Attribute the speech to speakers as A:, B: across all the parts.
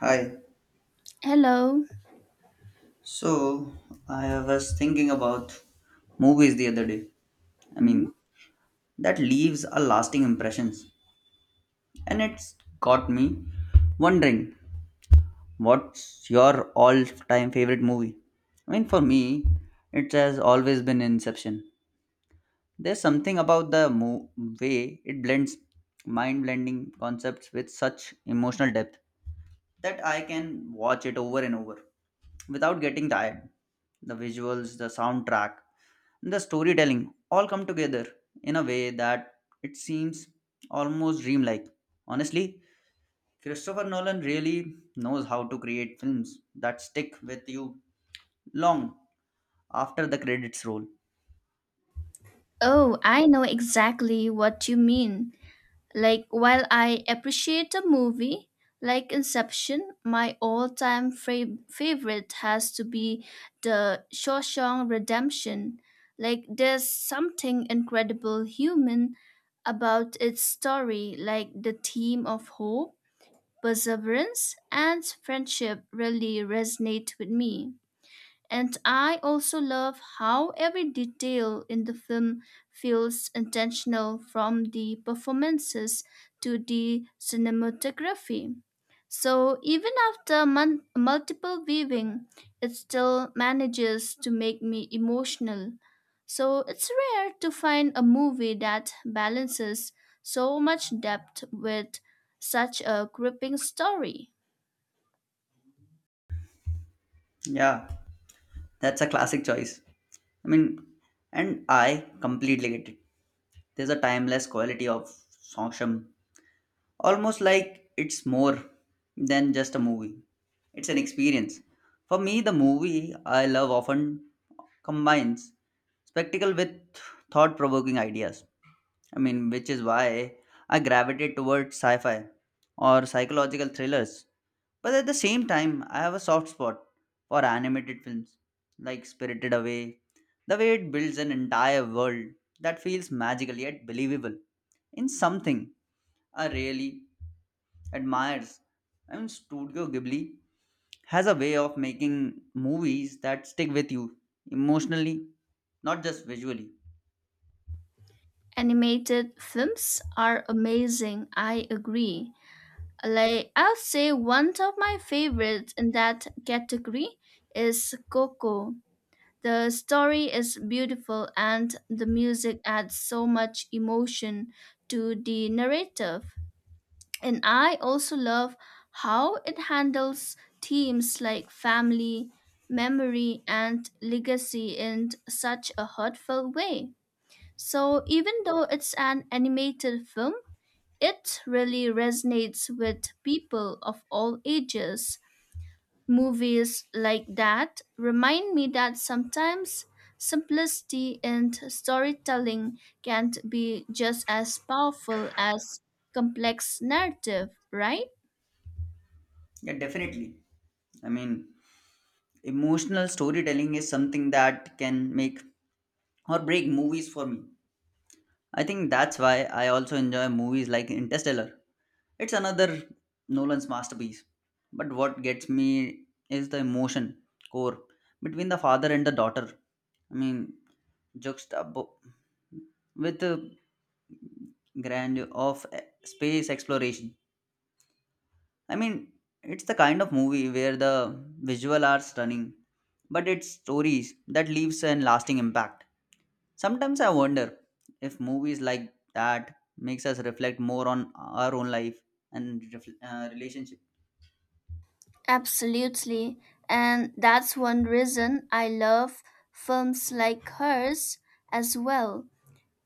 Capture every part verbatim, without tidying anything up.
A: Hi.
B: Hello.
A: So I was thinking about movies the other day. I
B: Mhm.
A: mean, that leaves a lasting impressions, and it's got me wondering what's your all-time favorite movie. I mean, for me, it has always been Inception. There's something about the mo- way it blends mind-blending concepts with such emotional depth that I can watch it over and over without getting tired. The visuals, the soundtrack the storytelling all come together in a way that it seems almost dreamlike. Honestly, Christopher Nolan really knows how to create films that stick with you long after the credits roll.
B: Oh, I know exactly what you mean. Like, while I appreciate a movie like Inception, my all time fra- favorite has to be The Shawshank Redemption. Like, there's something incredible human about its story, like the theme of hope, perseverance, and friendship really resonate with me. And I also love how every detail in the film feels intentional from the performances to the cinematography. So even after mon- multiple viewing, it still manages to make me emotional. So it's rare to find a movie that balances so much depth with such a gripping story.
A: Yeah, that's a classic choice. I mean, and I completely get it. There's a timeless quality of Songsham, almost like it's more than just a movie, it's an experience. For me, the movie I love often combines spectacle with thought provoking ideas, i mean which is why I gravitate towards sci-fi or psychological thrillers, but at the same time I have a soft spot for animated films like Spirited Away. The way it builds an entire world that feels magical yet believable in something I really admires. I mean, Studio Ghibli has a way of making movies that stick with you emotionally, not just visually.
B: Animated films are amazing, I agree. Like I'll say one of my favorites in that category is Coco. The story is beautiful and the music adds so much emotion to the narrative. And I also love how it handles themes like family, memory, and legacy in such a heartfelt way. So, even though it's an animated film, it really resonates with people of all ages. Movies like that remind me that sometimes simplicity in storytelling can be just as powerful as complex narrative, right?
A: Yeah, definitely. I mean, emotional storytelling is something that can make or break movies for me. I think that's why I also enjoy movies like Interstellar. It's another Nolan's masterpiece. But what gets me is the emotion core between the father and the daughter. I mean, juxtapo- with the grandeur of e- space exploration. I mean, it's the kind of movie where the visual are stunning, but it's stories that leaves an lasting impact. Sometimes I wonder if movies like that makes us reflect more on our own life and refl uh, relationship.
B: Absolutely. And that's one reason I love films like hers as well.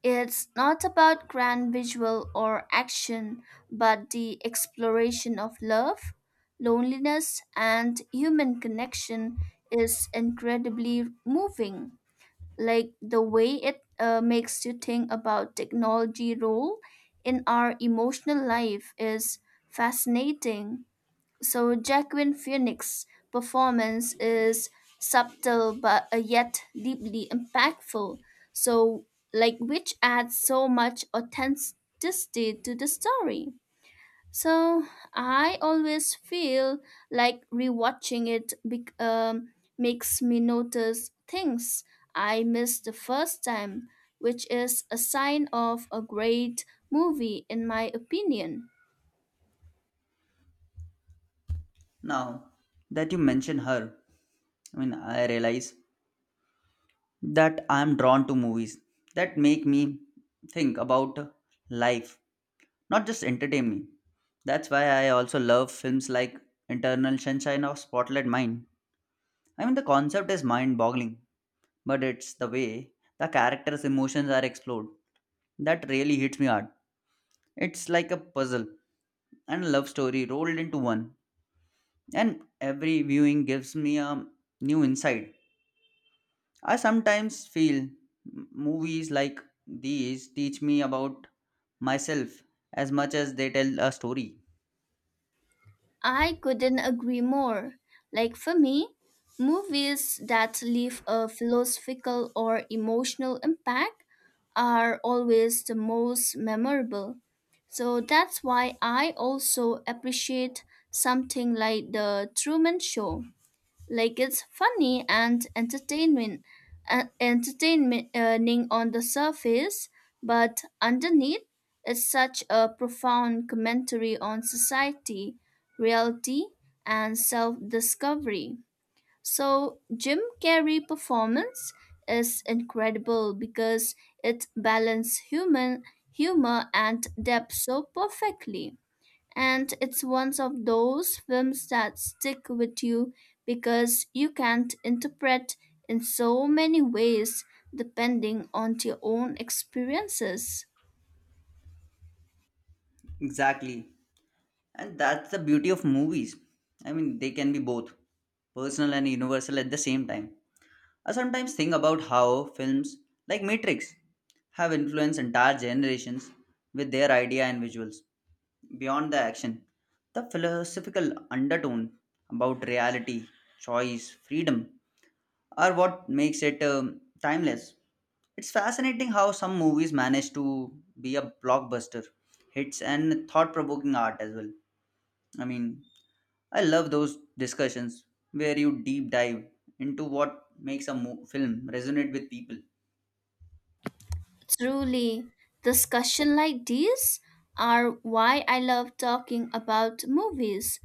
B: It's not about grand visual or action, but the exploration of love, loneliness, and human connection is incredibly moving. Like the way it uh, makes you think about technology role in our emotional life is fascinating. So Jacqueline Phoenix's performance is subtle but uh, yet deeply impactful. So, like, which adds so much authenticity to the story. So I always feel like rewatching it bec um, makes me notice things I missed the first time, which is a sign of a great movie in my opinion.
A: Now that you mention her, I mean, I realize that I'm drawn to movies that make me think about life, not just entertain me. That's why I also love films like Internal Sunshine of Spotlight Mind. I mean, the concept is mind boggling, but it's the way the characters' emotions are explored that really hits me hard. It's like a puzzle and a love story rolled into one, and every viewing gives me a new insight. I sometimes feel m- movies like these teach me about myself as much as they tell a story.
B: I couldn't agree more. Like for me, movies that leave a philosophical or emotional impact are always the most memorable. So that's why I also appreciate something like The Truman Show. Like it's funny and entertainment, uh, entertainment entertaining on the surface, but underneath, it's such a profound commentary on society, reality, and self-discovery. So Jim Carrey performance is incredible because it balances human humor and depth so perfectly. And it's one of those films that stick with you because you can't interpret in so many ways depending on your own experiences.
A: Exactly. And that's the beauty of movies. I mean, they can be both personal and universal at the same time. I sometimes think about how films like Matrix have influenced entire generations with their idea and visuals. Beyond the action, the philosophical undertone about reality, choice, freedom are what makes it um, timeless. It's fascinating how some movies manage to be a blockbuster, hits, and thought provoking art as well. I mean, I love those discussions where you deep dive into what makes a mo- film resonate with people.
B: Truly, discussion like these are why I love talking about movies.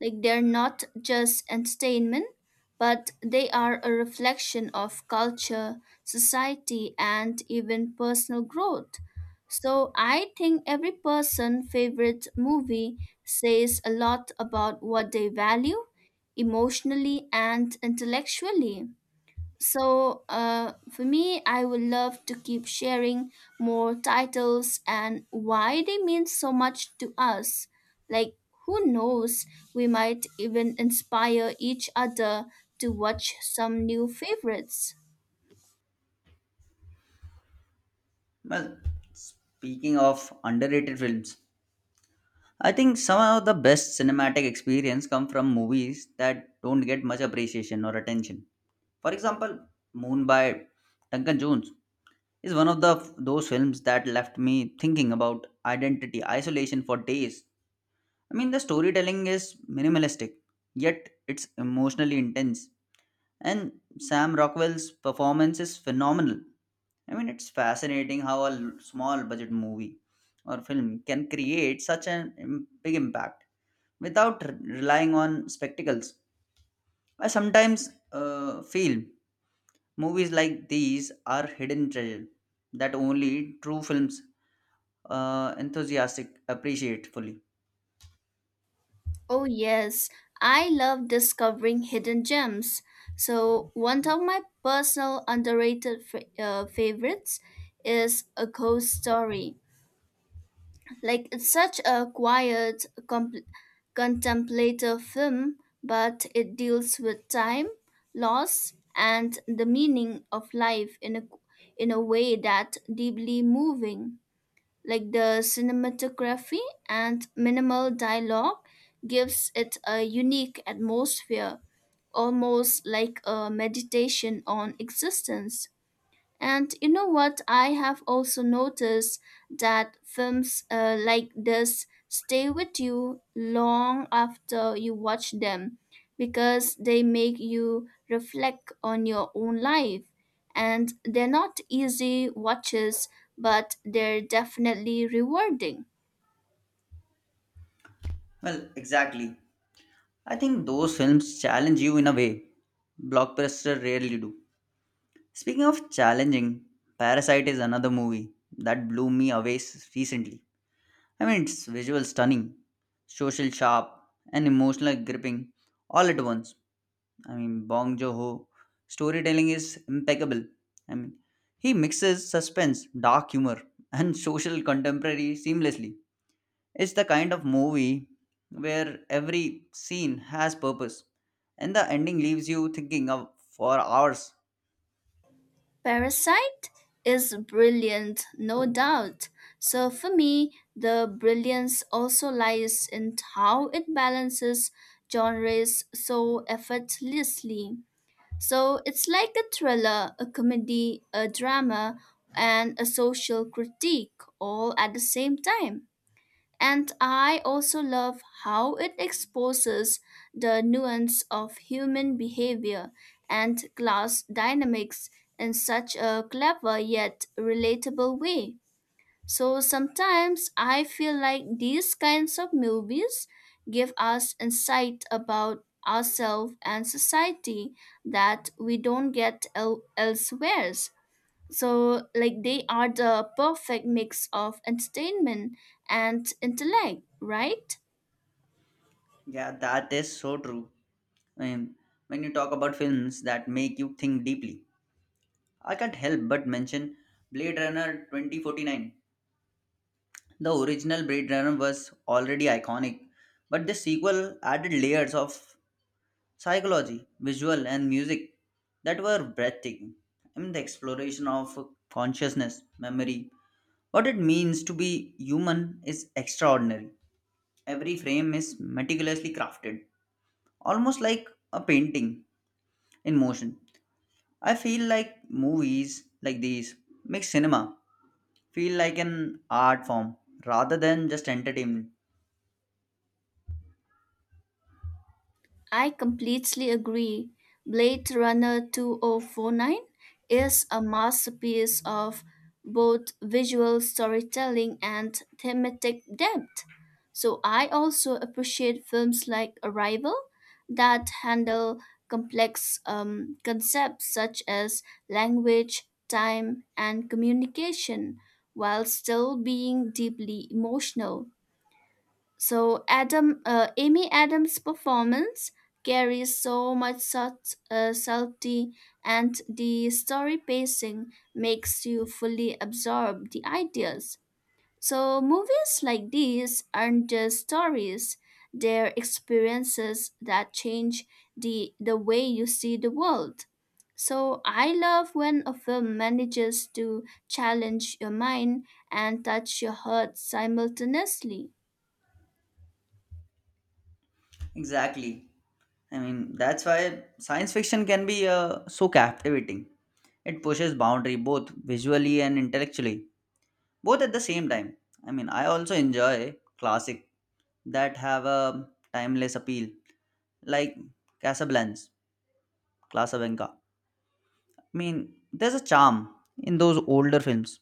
B: Like they're not just entertainment, but they are a reflection of culture, society, and even personal growth. So I think every person's favorite movie says a lot about what they value emotionally and intellectually. So, uh, for me, I would love to keep sharing more titles and why they mean so much to us. Like, who knows, we might even inspire each other to watch some new favorites.
A: Well, speaking of underrated films, I think some of the best cinematic experience come from movies that don't get much appreciation or attention. For example, Moon by Duncan Jones is one of the those films that left me thinking about identity isolation for days. I mean, the storytelling is minimalistic, yet it's emotionally intense. And Sam Rockwell's performance is phenomenal. I mean, it's fascinating how a l- small budget movie or film can create such an im- big impact without r- relying on spectacles. I sometimes uh, feel movies like these are hidden treasure that only true films uh, enthusiastic appreciate fully.
B: Oh, yes, I love discovering hidden gems. So, one of my personal underrated fa- uh, favorites is A Ghost Story. Like it's such a quiet, compl- contemplative film, but it deals with time, loss, and the meaning of life in a in a way that deeply moving. Like the cinematography and minimal dialogue gives it a unique atmosphere, almost like a meditation on existence. And you know what? I have also noticed that films uh, like this stay with you long after you watch them because they make you reflect on your own life. And they're not easy watches, but they're definitely rewarding.
A: Well, exactly. I think those films challenge you in a way blockbuster rarely do. Speaking of challenging, Parasite is another movie that blew me away s- recently. I mean, it's visual stunning, social sharp, and emotional gripping all at once. I mean, Bong Joon-ho storytelling is impeccable. I mean, he mixes suspense, dark humor, and social contemporary seamlessly. It's the kind of movie where every scene has purpose, and the ending leaves you thinking of for hours.
B: Parasite is brilliant, no doubt. So for me, the brilliance also lies in how it balances genres so effortlessly. So it's like a thriller, a comedy, a drama, and a social critique all at the same time. And I also love how it exposes the nuance of human behavior and class dynamics in such a clever yet relatable way. So sometimes I feel like these kinds of movies give us insight about ourselves and society that we don't get el- elsewhere. So, like, they are the perfect mix of entertainment and intellect, right?
A: Yeah, that is so true. Um, when you talk about films that make you think deeply, I can't help but mention Blade Runner twenty forty-nine. The original Blade Runner was already iconic, but the sequel added layers of psychology, visual, and music that were breathtaking. I mean, the exploration of consciousness, memory, what it means to be human is extraordinary. Every frame is meticulously crafted, almost like a painting in motion. I feel like movies like these make cinema feel like an art form rather than just entertainment.
B: I completely agree. Blade Runner two thousand forty-nine is a masterpiece of both visual storytelling and thematic depth. So I also appreciate films like Arrival that handle complex um, concepts such as language, time, and communication while still being deeply emotional. So Adam, uh, Amy Adams' performance carries so much such uh, subtlety, and the story pacing makes you fully absorb the ideas. So movies like these aren't just stories; they're experiences that change the the way you see the world. So I love when a film manages to challenge your mind and touch your heart simultaneously.
A: Exactly. I mean, that's why science fiction can be uh, so captivating. It pushes boundary both visually and intellectually, both at the same time. I mean, I also enjoy classic that have a timeless appeal, like Casablanca, Casablanca. I mean, there's a charm in those older films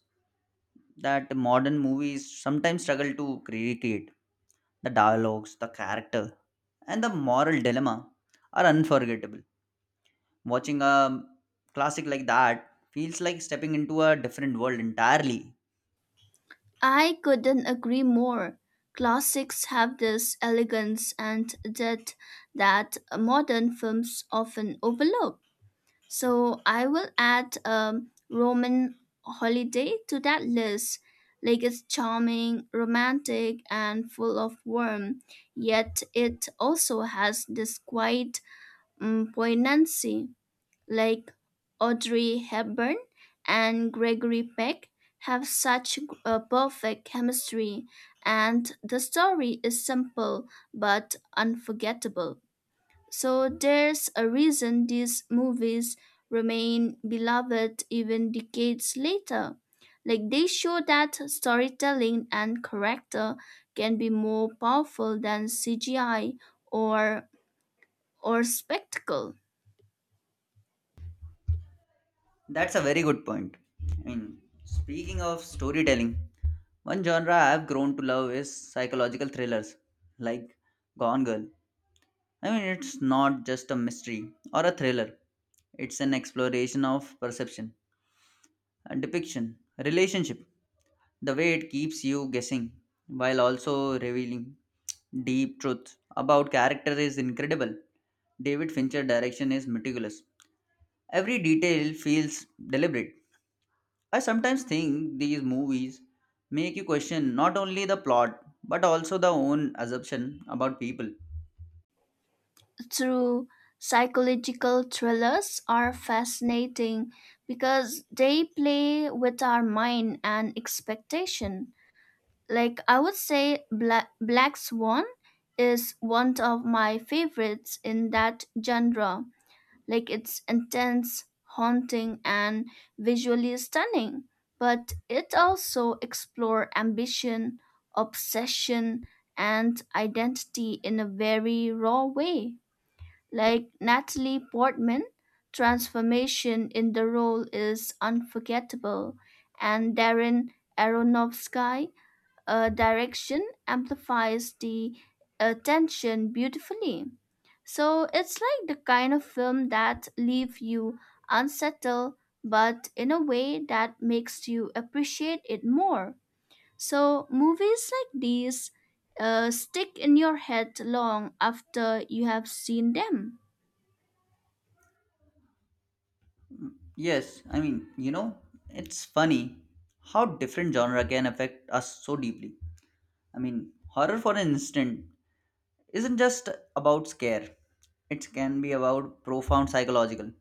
A: that modern movies sometimes struggle to recreate. The dialogues, the character, and the moral dilemma are unforgettable. Watching a classic like that feels like stepping into a different world entirely.
B: I couldn't agree more. Classics have this elegance and depth that modern films often overlook. So I will add um, Roman Holiday to that list. Like it's charming, romantic, and full of warmth, yet it also has this quiet um, poignancy, like Audrey Hepburn and Gregory Peck have such a perfect chemistry and the story is simple but unforgettable. So there's a reason these movies remain beloved even decades later. Like they show that storytelling and character can be more powerful than C G I or or spectacle.
A: That's a very good point. I mean, speaking of storytelling, one genre I've grown to love is psychological thrillers like Gone Girl. I mean, it's not just a mystery or a thriller, it's an exploration of perception, uh, depiction, relationship, the way it keeps you guessing while also revealing deep truth about character is incredible. David Fincher direction is meticulous. Every detail feels deliberate. I sometimes think these movies make you question not only the plot but also the own assumption about people.
B: Through psychological thrillers are fascinating because they play with our mind and expectation. Like I would say Black, Black Swan is one of my favorites in that genre. Like it's intense, haunting and visually stunning, but it also explore ambition, obsession and identity in a very raw way. Like Natalie Portman, transformation in the role is unforgettable, and Darren Aronofsky' uh, direction amplifies the uh, tension beautifully. So it's like the kind of film that leave you unsettled, but in a way that makes you appreciate it more. So movies like these uh, stick in your head long after you have seen them.
A: Yes, I mean, you know, it's funny how different genre can affect us so deeply. I mean, horror for an instant isn't just about scare. It can be about profound psychological.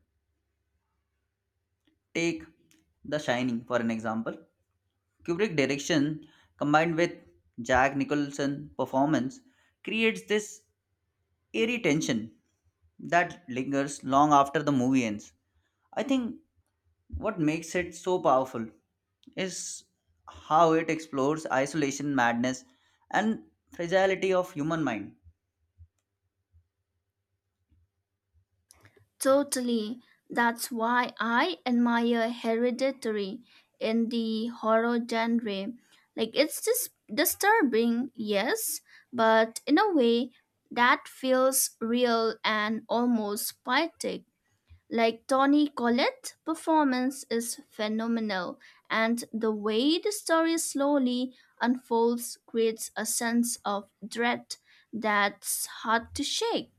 A: Take The Shining for an example. Kubrick direction combined with Jack Nicholson performance creates this eerie tension that lingers long after the movie ends. I think what makes it so powerful is how it explores isolation, madness, and fragility of human mind.
B: Totally. That's why I admire Hereditary in the horror genre. Like it's just disturbing, yes, but in a way that feels real and almost poetic. Like Tony Collette's performance is phenomenal, and the way the story slowly unfolds creates a sense of dread that's hard to shake.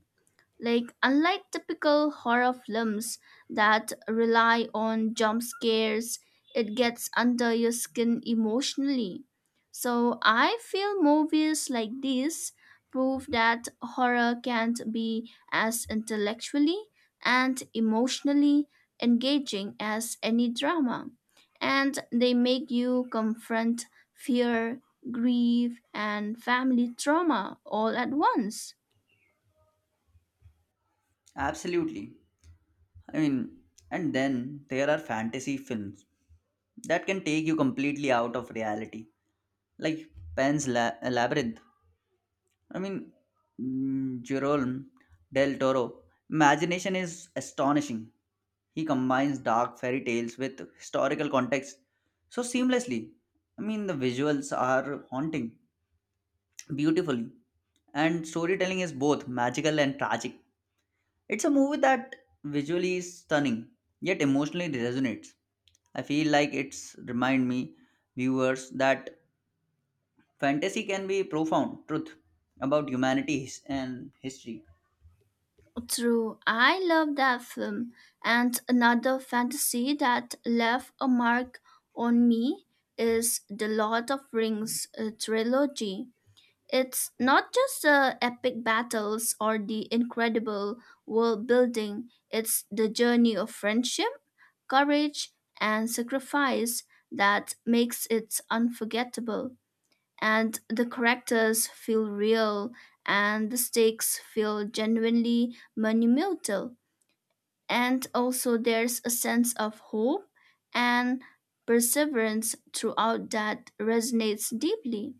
B: Like, unlike typical horror films that rely on jump scares, it gets under your skin emotionally. So, I feel movies like these prove that horror can't be as intellectually and emotionally engaging as any drama. And they make you confront fear, grief, and family trauma all at once.
A: Absolutely. I mean, and then there are fantasy films that can take you completely out of reality, like Pan's La- Labyrinth. I mean, mm, Jerome Del Toro. Imagination is astonishing. He combines dark fairy tales with historical context so seamlessly. I mean, the visuals are haunting beautifully, and storytelling is both magical and tragic. It's a movie that visually is stunning, yet emotionally resonates. I feel like it's remind me viewers that fantasy can be profound truth about humanity his- and history.
B: True, I love that film. And another fantasy that left a mark on me is the Lord of Rings uh, trilogy. It's not just the epic battles or the incredible world building, it's the journey of friendship, courage, and sacrifice that makes it unforgettable and the characters feel real and the stakes feel genuinely monumental. And also, there's a sense of hope and perseverance throughout that resonates deeply.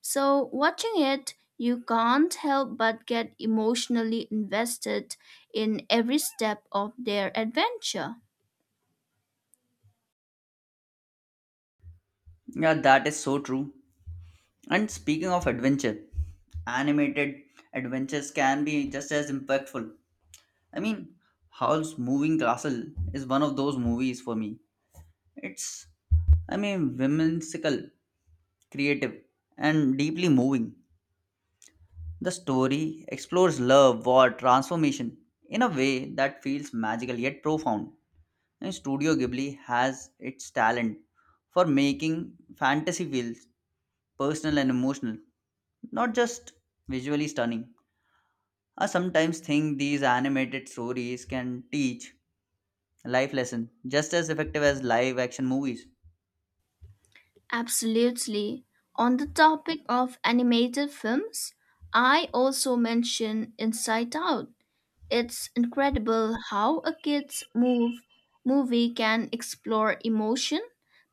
B: So, watching it, you can't help but get emotionally invested in every step of their adventure.
A: Yeah, that is so true. And speaking of adventure, animated adventures can be just as impactful. I mean, Howl's Moving Castle is one of those movies for me. It's, I mean, whimsical, creative, and deeply moving. The story explores love, war, transformation in a way that feels magical yet profound. And Studio Ghibli has its talent for making fantasy feel personal and emotional, not just visually stunning. I sometimes think these animated stories can teach life lessons just as effective as live action movies.
B: Absolutely. On the topic of animated films, I also mention Inside Out. It's incredible how a kid's move, movie can explore emotion,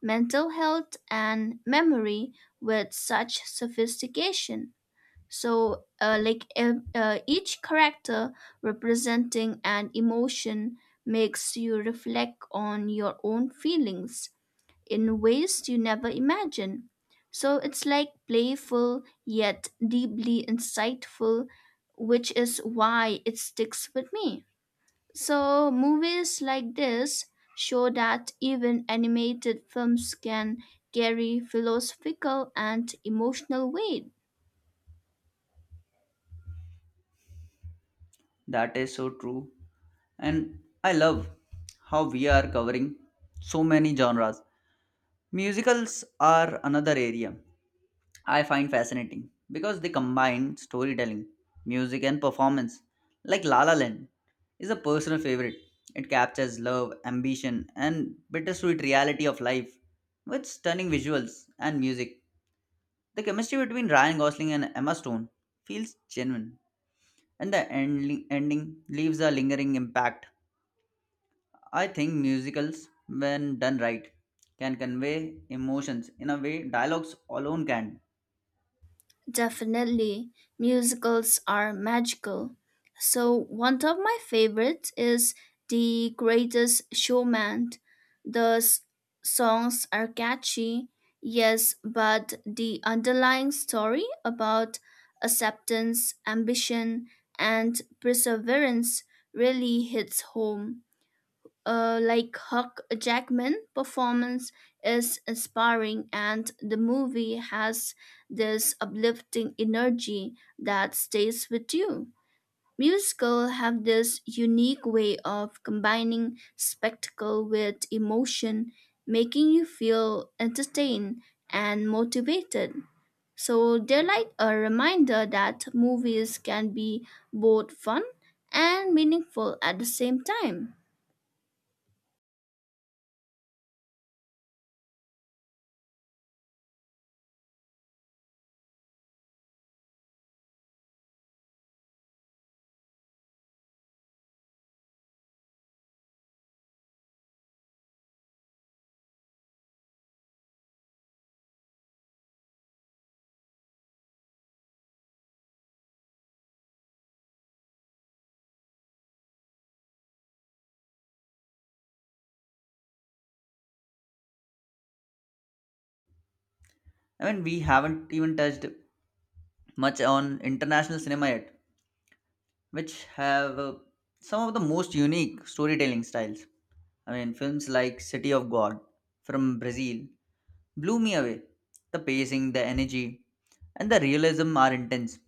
B: mental health, and memory with such sophistication. So, uh, like ev- uh, each character representing an emotion makes you reflect on your own feelings in ways you never imagine. So it's like playful yet deeply insightful, which is why it sticks with me. So movies like this show that even animated films can carry philosophical and emotional weight.
A: That is so true. And I love how we are covering so many genres. Musicals are another area I find fascinating because they combine storytelling, music, and performance. Like La La Land is a personal favorite. It captures love, ambition, and bittersweet reality of life with stunning visuals and music. The chemistry between Ryan Gosling and Emma Stone feels genuine and the ending, ending leaves a lingering impact. I think musicals, when done right, can convey emotions in a way dialogues alone can.
B: Definitely, musicals are magical. So, one of my favorites is The Greatest Showman. The s- songs are catchy, yes, but the underlying story about acceptance, ambition, and perseverance really hits home, uh, like Hugh Jackman performance is inspiring, and the movie has this uplifting energy that stays with you. Musicals have this unique way of combining spectacle with emotion, making you feel entertained and motivated. So they're like a reminder that movies can be both fun and meaningful at the same time.
A: I mean, we haven't even touched much on international cinema yet, which have uh, some of the most unique storytelling styles. I mean, films like City of God from Brazil blew me away. The pacing, the energy, and the realism are intense.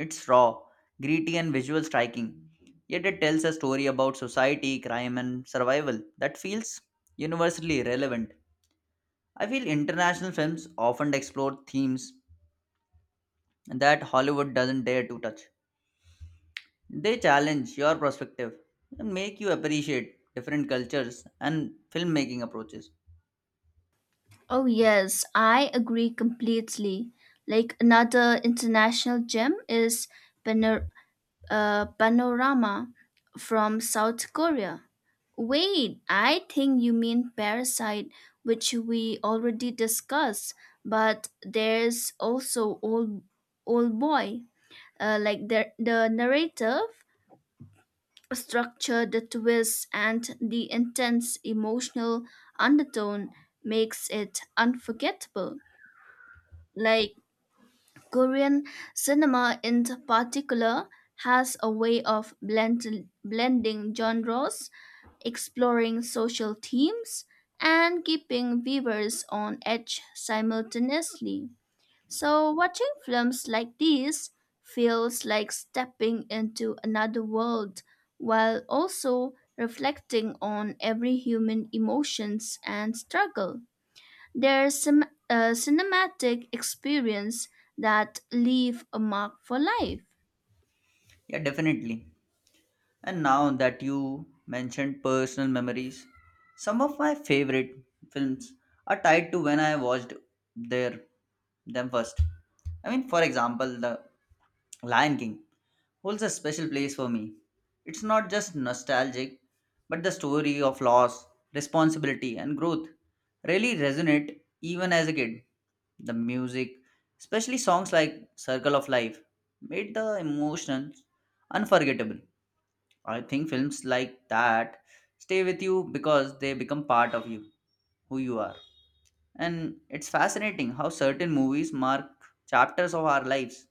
A: It's raw, gritty, and visual striking. Yet it tells a story about society, crime, and survival that feels universally relevant. I feel international films often explore themes that Hollywood doesn't dare to touch. They challenge your perspective and make you appreciate different cultures and filmmaking approaches.
B: Oh, yes, I agree completely. Like another international gem is Panor- uh, Panorama from South Korea. Wait, I think you mean Parasite, which we already discussed, but there's also Old, old Boy. Uh, like the, the narrative structure, the twist, and the intense emotional undertone makes it unforgettable. Like Korean cinema in particular has a way of blend, blending genres, exploring social themes, and keeping viewers on edge simultaneously. So, watching films like these feels like stepping into another world while also reflecting on every human emotions and struggle. They're cin- a cinematic experience that leave a mark for life.
A: Yeah, definitely. And now that you mentioned personal memories, some of my favorite films are tied to when I watched their them first. I mean, for example, The Lion King holds a special place for me. It's not just nostalgic, but the story of loss, responsibility, and growth really resonate even as a kid. The music, especially songs like Circle of Life, made the emotions unforgettable. I think films like that stay with you because they become part of you, who you are. And it's fascinating how certain movies mark chapters of our lives.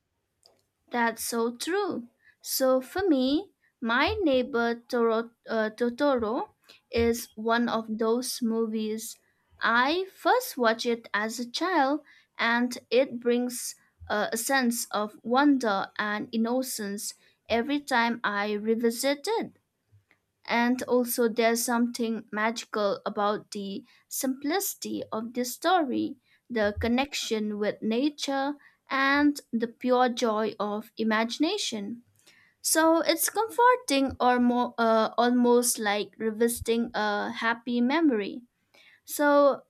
B: That's so true. So for me, my neighbor Toro, uh, Totoro is one of those movies. I first watched it as a child, and it brings uh, a sense of wonder and innocence every time I revisit it. And also, there's something magical about the simplicity of this story, the connection with nature, and the pure joy of imagination. So it's comforting or more, uh, almost like revisiting a happy memory. So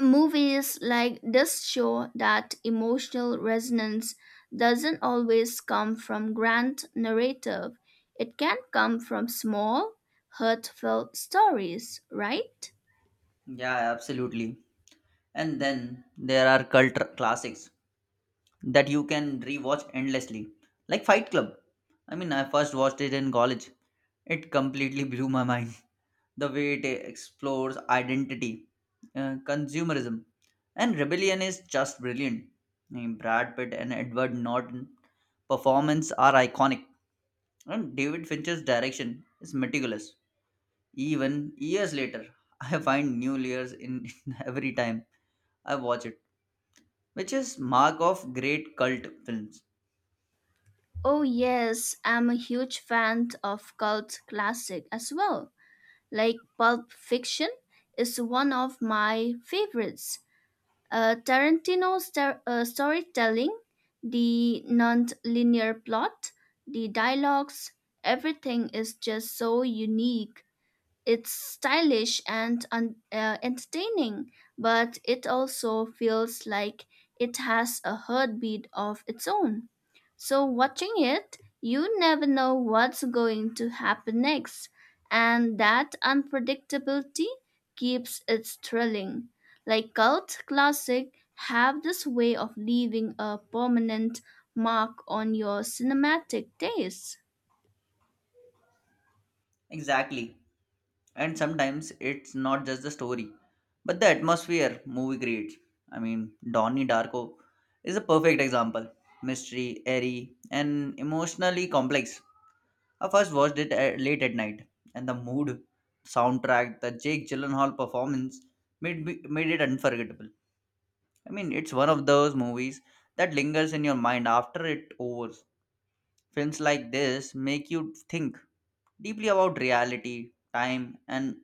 B: movies like this show that emotional resonance doesn't always come from grand narrative. It can come from small, heartfelt stories, right?
A: Yeah, absolutely. And then there are cult classics that you can rewatch endlessly, like Fight Club. I mean, I first watched it in college. It completely blew my mind. The way it explores identity, uh, consumerism, and rebellion is just brilliant. I mean, Brad Pitt and Edward Norton performance are iconic, and David Fincher's direction is meticulous. Even years later, I find new layers in every time I watch it, which is mark of great cult films.
B: Oh, yes, I'm a huge fan of cult classic as well. Like Pulp Fiction is one of my favorites. Uh, Tarantino's star- uh, storytelling, the non-linear plot, the dialogues, everything is just so unique. It's stylish and un- uh, entertaining, but it also feels like it has a heartbeat of its own. So, watching it, you never know what's going to happen next, and that unpredictability keeps it thrilling. Like cult classic have this way of leaving a permanent mark on your cinematic taste.
A: Exactly, and sometimes it's not just the story but the atmosphere movie creates. i mean Donnie Darko is a perfect example, mystery, airy, and emotionally complex. I first watched it at, late at night, and the mood soundtrack the Jake Gyllenhaal performance made, me- made it unforgettable. I mean it's one of those movies that lingers in your mind after it overs. Films like this make you think deeply about reality, time, and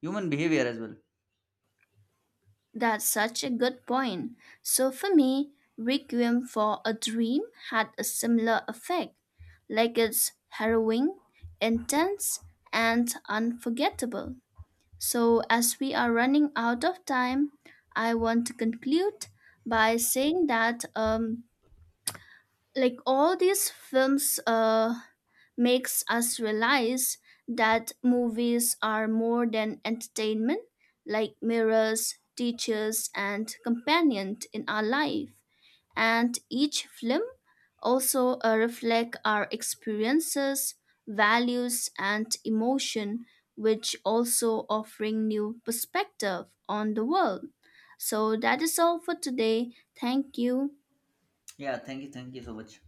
A: human behavior as well.
B: That's such a good point. So for me, Requiem for a Dream had a similar effect. Like it's harrowing, intense, and unforgettable. So as we are running out of time, I want to conclude by saying that um, like all these films uh, makes us realize that movies are more than entertainment, like mirrors, teachers and companion in our life, and each film also uh, reflect our experiences, values and emotion, which also offering new perspective on the world. So that is all for today. Thank you.
A: Yeah, thank you, thank you so much.